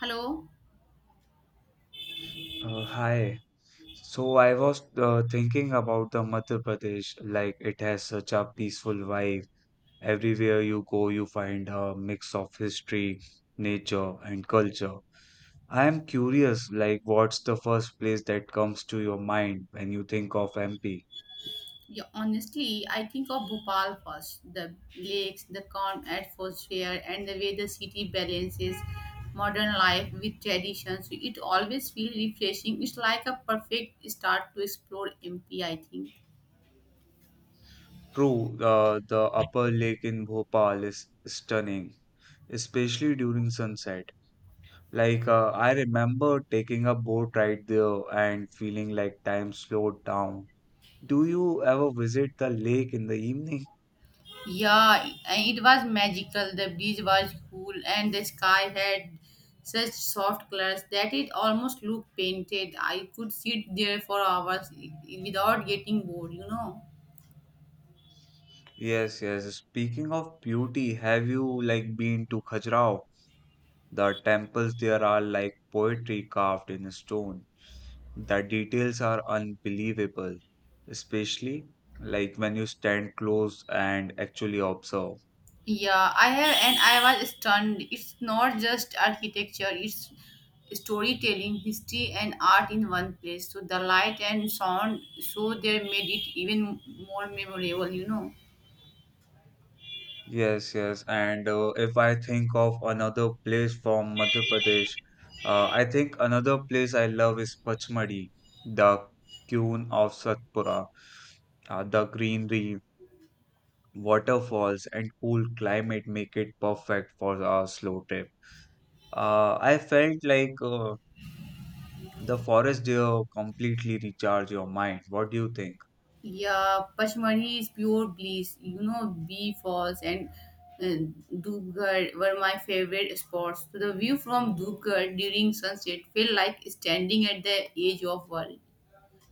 Hello. Hi. So I was thinking about the Madhya Pradesh, like it has such a peaceful vibe. Everywhere you go, you find a mix of history, nature, and culture. I am curious, like what's the first place that comes to your mind when you think of MP? Yeah, honestly, I think of Bhopal first. The lakes, the calm atmosphere, and the way the city balances modern life with traditions. It always feels refreshing. It's like a perfect start to explore MP, I think. True, the upper lake in Bhopal is stunning, especially during sunset. I remember taking a boat ride there and feeling like time slowed down. Do you ever visit the lake in the evening? Yeah, and it was magical. The breeze was cool, and the sky had such soft colors that it almost looked painted. I could sit there for hours without getting bored. Yes, yes. Speaking of beauty, have you like been to Khajuraho? The temples there are like poetry carved in stone. The details are unbelievable, especially like when you stand close and actually observe. Yeah, I have, and I was stunned. It's not just architecture, it's storytelling, history, and art in one place. So the light and sound, so they made it even more memorable. Yes, yes. And if I think of another place from Madhya Pradesh, I think another place I love is Pachmadi, the Qun of Satpura. The greenery, waterfalls, and cool climate make it perfect for a slow trip. I felt like the forest there completely recharge your mind. What do you think? Yeah, Pashmani is pure bliss, Bee Falls and uh, Dubgarh were my favorite spots. So the view from Dubgarh during sunset felt like standing at the edge of world.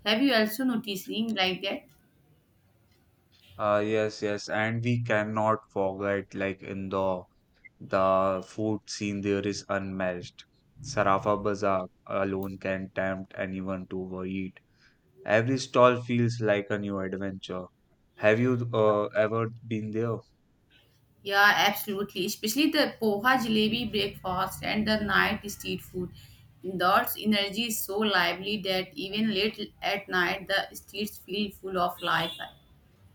Have you also noticing like that? Yes, yes. And we cannot forget like Indore. The food scene there is unmatched. Sarafa Bazaar alone can tempt anyone to overeat. Every stall feels like a new adventure. Have you ever been there? Yeah, absolutely. Especially the poha jalebi breakfast and the night street food. Dot's energy is so lively that even late at night the streets feel full of life.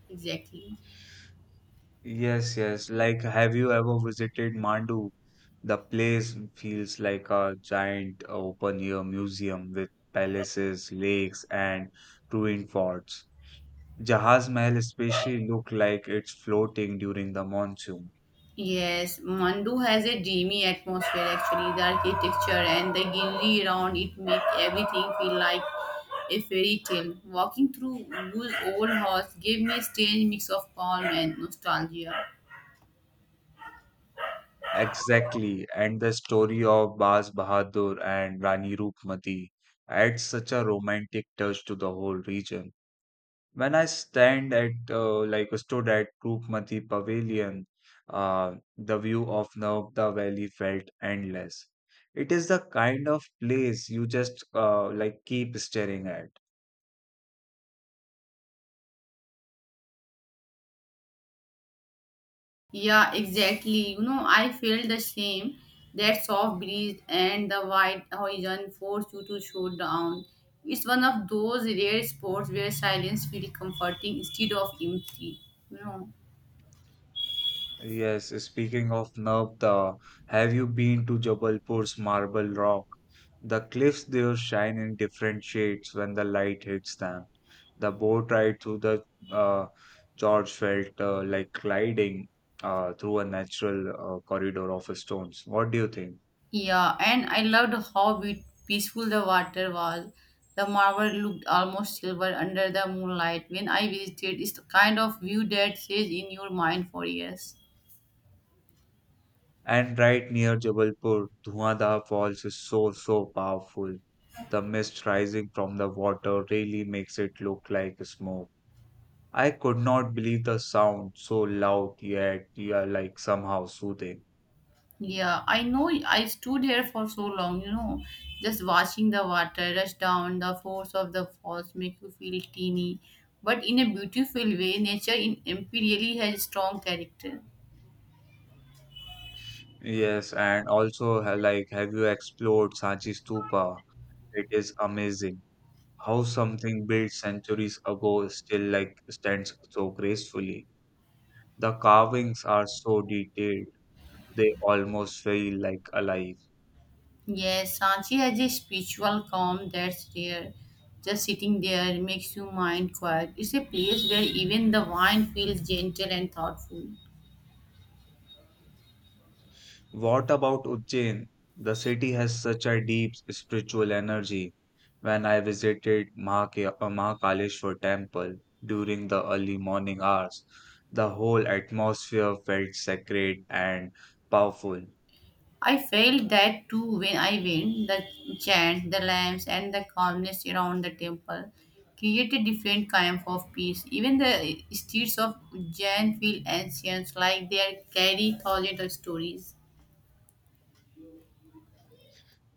Exactly. Yes, yes. Like, have you ever visited Mandu? The place feels like a giant open-air museum with palaces, lakes, and ruined forts. Jahaz Mahal especially look like it's floating during the monsoon. Yes, Mandu has a dreamy atmosphere actually. The architecture and the greenery around it make everything feel like a fairy tale. Walking through those old halls gave me a strange mix of calm and nostalgia. Exactly. And the story of Baz Bahadur and Rani Rupmati adds such a romantic touch to the whole region. When I stood at Rupmati Pavilion, the view of Narmada Valley felt endless. It is the kind of place you just, keep staring at. Yeah, exactly. You know, I felt the same. That soft breeze and the wide horizon force you to slow down. It's one of those rare sports where silence feels comforting instead of empty. You know. Yes, speaking of Navda, have you been to Jabalpur's Marble Rock? The cliffs there shine in different shades when the light hits them. The boat ride through the uh, gorge felt like gliding through a natural corridor of stones. What do you think? Yeah, and I loved how peaceful the water was. The marble looked almost silver under the moonlight. When I visited, it's the kind of view that stays in your mind for years. And right near Jabalpur, Dhoonadhar Falls is so, so powerful. The mist rising from the water really makes it look like smoke. I could not believe the sound, so loud yet, yeah, like somehow soothing. Yeah, I know I stood here for so long, just watching the water rush down, the force of the falls make you feel teeny. But in a beautiful way, nature in MP really has strong character. Yes, and also like have you explored Sanchi Stupa? It is amazing how something built centuries ago still like stands so gracefully. The carvings are so detailed, they almost feel like alive. Yes, Sanchi has a spiritual calm that's there. Just sitting there makes your mind quiet. It's a place where even the wine feels gentle and thoughtful. What about Ujjain? The city has such a deep spiritual energy. When I visited Mahakaleshwar temple during the early morning hours, the whole atmosphere felt sacred and powerful. I felt that too when I went. The chant, the lamps, and the calmness around the temple create a different kind of peace. Even the streets of Jain feel ancient, like they are carry thousands of stories.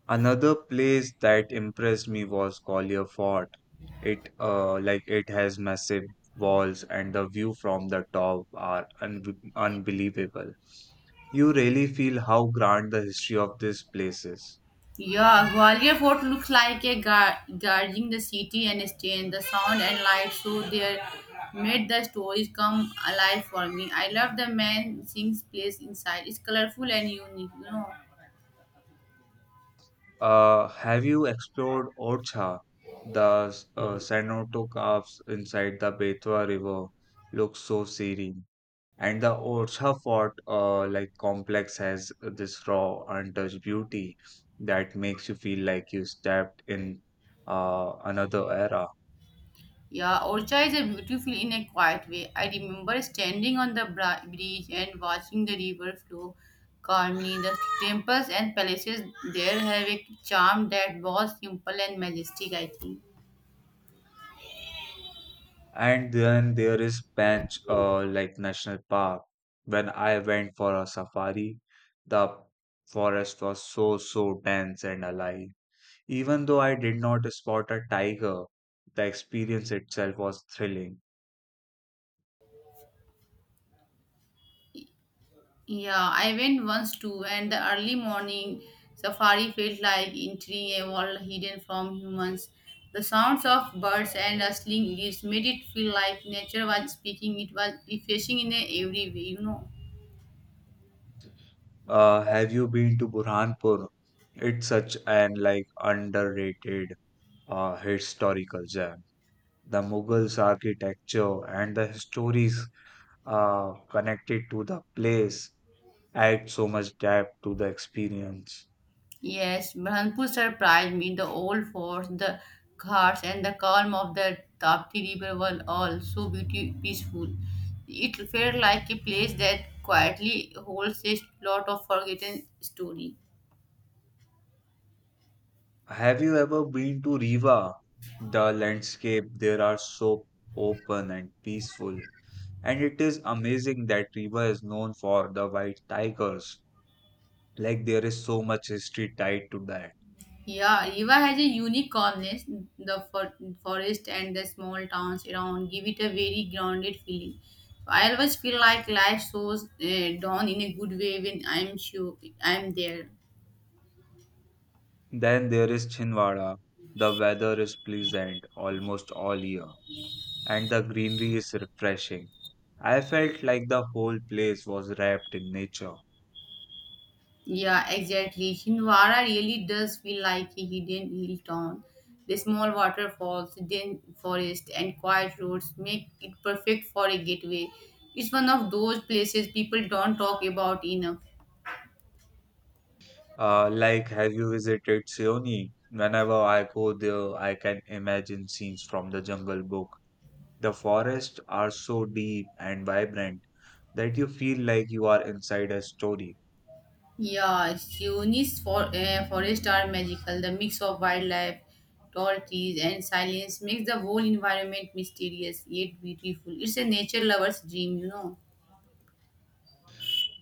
Another place that impressed me was Gwalior Fort. It like it has massive walls and the view from the top are unbelievable. You really feel how grand the history of this place is. Yeah, Gwalior Fort looks like a guarding the city and staying the sound and light, so they made the stories come alive for me. I love the man sings place inside. It's colorful and unique. Have you explored Orcha? The cenote caves inside the Betwa River look so serene, and the Orcha Fort like complex has this raw, untouched beauty that makes you feel like you stepped in, another era. Yeah, Orcha is a beautiful in a quiet way. I remember standing on the bridge and watching the river flow calmly. The temples and palaces there have a charm that was simple and majestic, I think. And then there is Banch like National Park. When I went for a safari, the forest was so, so dense and alive. Even though I did not spot a tiger, the experience itself was thrilling. Yeah, I went once too, and the early morning safari felt like entering a world hidden from humans. The sounds of birds and rustling leaves made it feel like nature was speaking. It was refreshing in every way. Have you been to Burhanpur? It's such an like underrated historical gem. The Mughals' architecture and the stories connected to the place add so much depth to the experience. Yes, Burhanpur surprised me. The old forts, the ghats, and the calm of the Tapti River were all so beauty, peaceful. It felt like a place that quietly holds a lot of forgotten story. Have you ever been to Riva? The landscape there are so open and peaceful, and it is amazing that Riva is known for the white tigers. Like there is so much history tied to that. Yeah, Riva has a unique calmness. The forest and the small towns around give it a very grounded feeling. I always feel like life shows dawn in a good way when I'm sure I'm there. Then there is Chinwara. The weather is pleasant almost all year, and the greenery is refreshing. I felt like the whole place was wrapped in nature. Yeah, exactly. Hindwara really does feel like a hidden hill town. The small waterfalls, dense forest, and quiet roads make it perfect for a getaway. It's one of those places people don't talk about enough. Have you visited Seoni? Whenever I go there, I can imagine scenes from the Jungle Book. The forests are so deep and vibrant that you feel like you are inside a story. Yeah, Shionis forests are magical. The mix of wildlife, tall trees, and silence makes the whole environment mysterious yet beautiful. It's a nature lover's dream, you know.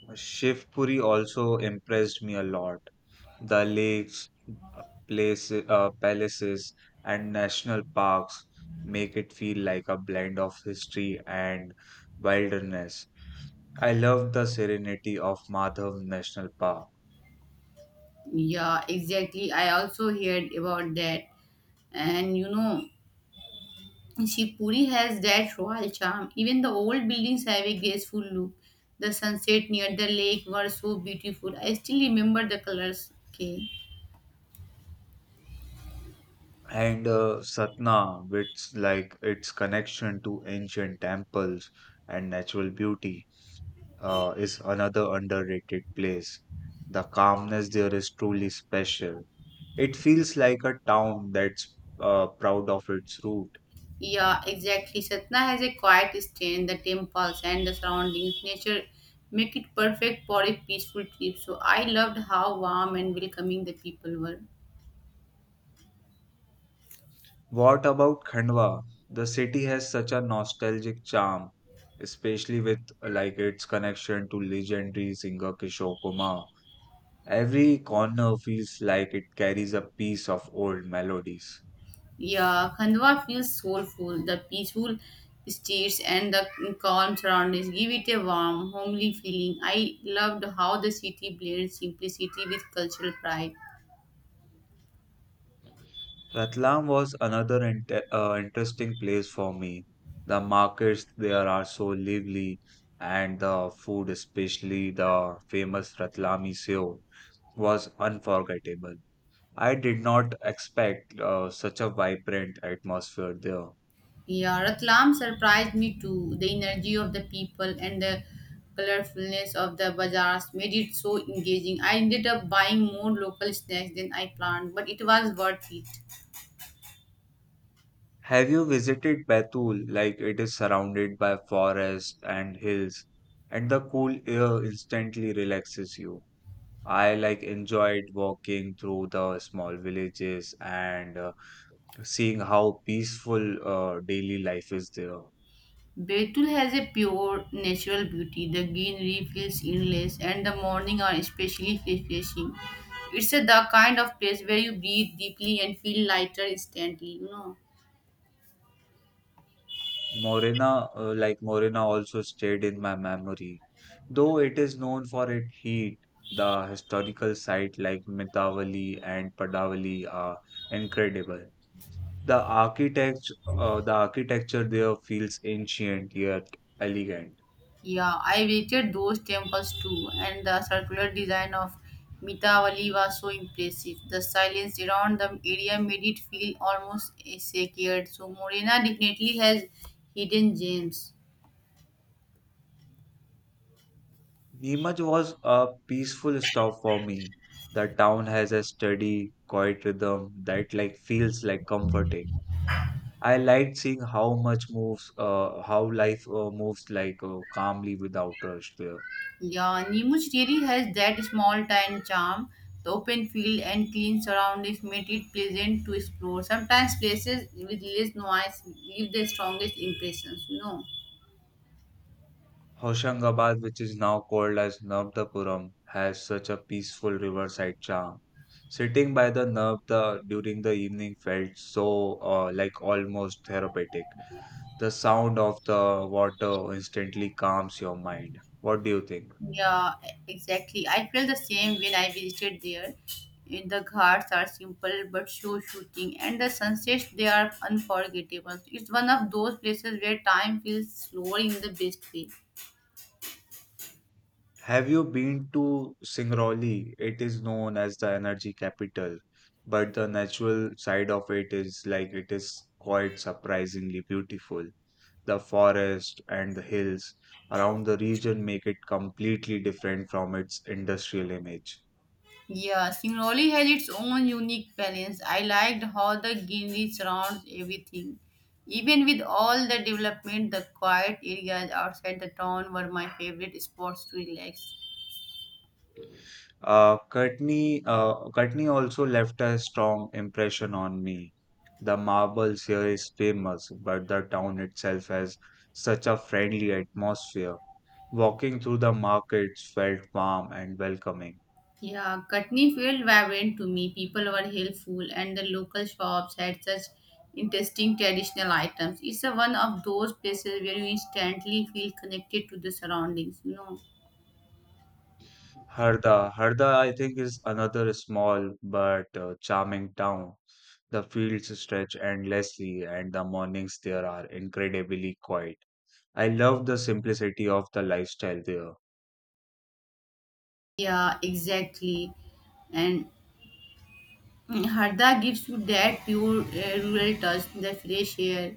Shivpuri also impressed me a lot. The lakes, palaces, and national parks make it feel like a blend of history and wilderness. I love the serenity of Madhav National Park. Yeah, exactly. I also heard about that. And you know, Shivpuri has that royal charm. Even the old buildings have a graceful look. The sunset near the lake were so beautiful. I still remember the colors. Okay. And Satna, which like its connection to ancient temples and natural beauty, is another underrated place. The calmness there is truly special. It feels like a town that's proud of its root. Yeah, exactly. Satna has a quiet stand, the temples and the surroundings. Nature make it perfect for a peaceful trip. So I loved how warm and welcoming the people were. What about Khandwa? The city has such a nostalgic charm, especially with its connection to legendary singer Kishore Kumar. Every corner feels like it carries a piece of old melodies. Yeah, Khandwa feels soulful. The peaceful streets and the calm surroundings give it a warm, homely feeling. I loved how the city blends simplicity with cultural pride. Ratlam was another interesting place for me. The markets there are so lively, and the food, especially the famous Ratlami Sev, was unforgettable. I did not expect such a vibrant atmosphere there. Yeah, Ratlam surprised me too. The energy of the people and the colorfulness of the bazaars made it so engaging. I ended up buying more local snacks than I planned, but it was worth it. Have you visited Betul? Like it is surrounded by forest and hills, and the cool air instantly relaxes you. I like enjoyed walking through the small villages and seeing how peaceful daily life is there. Betul has a pure natural beauty. The greenery feels endless, and the morning are especially refreshing. It's a, the kind of place where you breathe deeply and feel lighter instantly. You know. Morena, Morena, also stayed in my memory. Though it is known for its heat, the historical sites like Mitavali and Padavali are incredible. The architecture there feels ancient yet elegant. Yeah, I visited those temples too, and the circular design of Mitavali was so impressive. The silence around the area made it feel almost sacred. So Morena definitely has hidden gems. Neemuch was a peaceful stop for me. The town has a steady, quiet rhythm that like feels like comforting. I liked seeing how life moves like calmly without rush there. Yeah, Nemus really has that small town charm. The open field and clean surroundings made it pleasant to explore. Sometimes places with less noise leave the strongest impressions, you know. Hoshangabad, which is now called as Navdapuram, has such a peaceful riverside charm. Sitting by the Navda during the evening felt so, like almost therapeutic. The sound of the water instantly calms your mind. What do you think? Yeah, exactly. I felt the same when I visited there. In the ghats are simple but show shooting, and the sunsets they are unforgettable. It's one of those places where time feels slower in the best way. Have you been to Singrauli? It is known as the energy capital, but the natural side of it is like it is quite surprisingly beautiful. The forest and the hills around the region make it completely different from its industrial image. Yeah, Singnoli has its own unique balance. I liked how the greenery surrounds everything. Even with all the development, the quiet areas outside the town were my favorite spots to relax. Uh, Courtney also left a strong impression on me. The marbles here is famous, but the town itself has such a friendly atmosphere. Walking through the markets felt warm and welcoming. Yeah, Katni felt vibrant to me. People were helpful, and the local shops had such interesting traditional items. It's a one of those places where you instantly feel connected to the surroundings, you know. Harda, I think, is another small but charming town. The fields stretch endlessly, and the mornings there are incredibly quiet. I love the simplicity of the lifestyle there. Yeah, exactly. And Harda gives you that pure rural touch, the fresh air,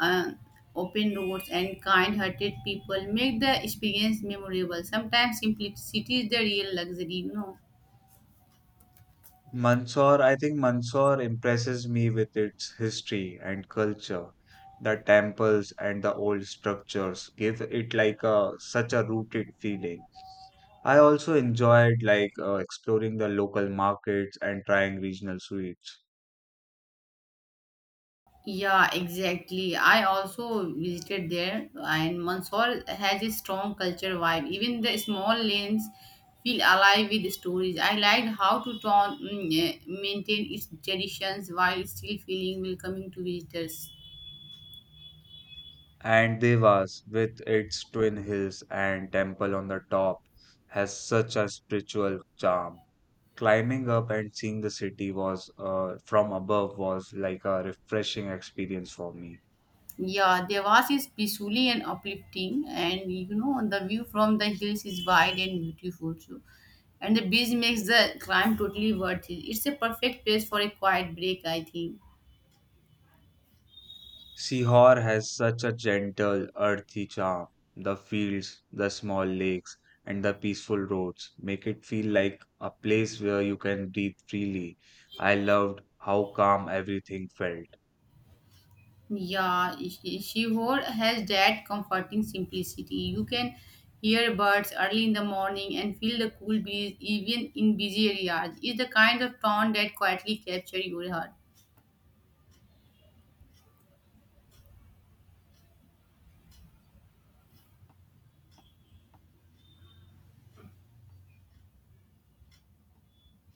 uh, open roads, and kind-hearted people make the experience memorable. Sometimes simplicity is the real luxury, you know. Mandsaur, I think Mandsaur impresses me with its history and culture. The temples and the old structures give it like a such a rooted feeling. I also enjoyed like exploring the local markets and trying regional sweets. Yeah, exactly. I also visited there, and Mandsaur has a strong culture vibe. Even the small lanes feel alive with stories. I liked how to town maintain its traditions while still feeling welcoming to visitors. And Devas with its twin hills and temple on the top has such a spiritual charm. Climbing up and seeing the city was, from above was like a refreshing experience for me. Yeah, Devas is peacefully and uplifting, and you know the view from the hills is wide and beautiful too. And the beach makes the climb totally worth it. It's a perfect place for a quiet break, I think. Sihor has such a gentle, earthy charm. The fields, the small lakes, and the peaceful roads make it feel like a place where you can breathe freely. I loved how calm everything felt. Yeah, Shihor has that comforting simplicity. You can hear birds early in the morning and feel the cool breeze even in busy areas. It's the kind of town that quietly captures your heart.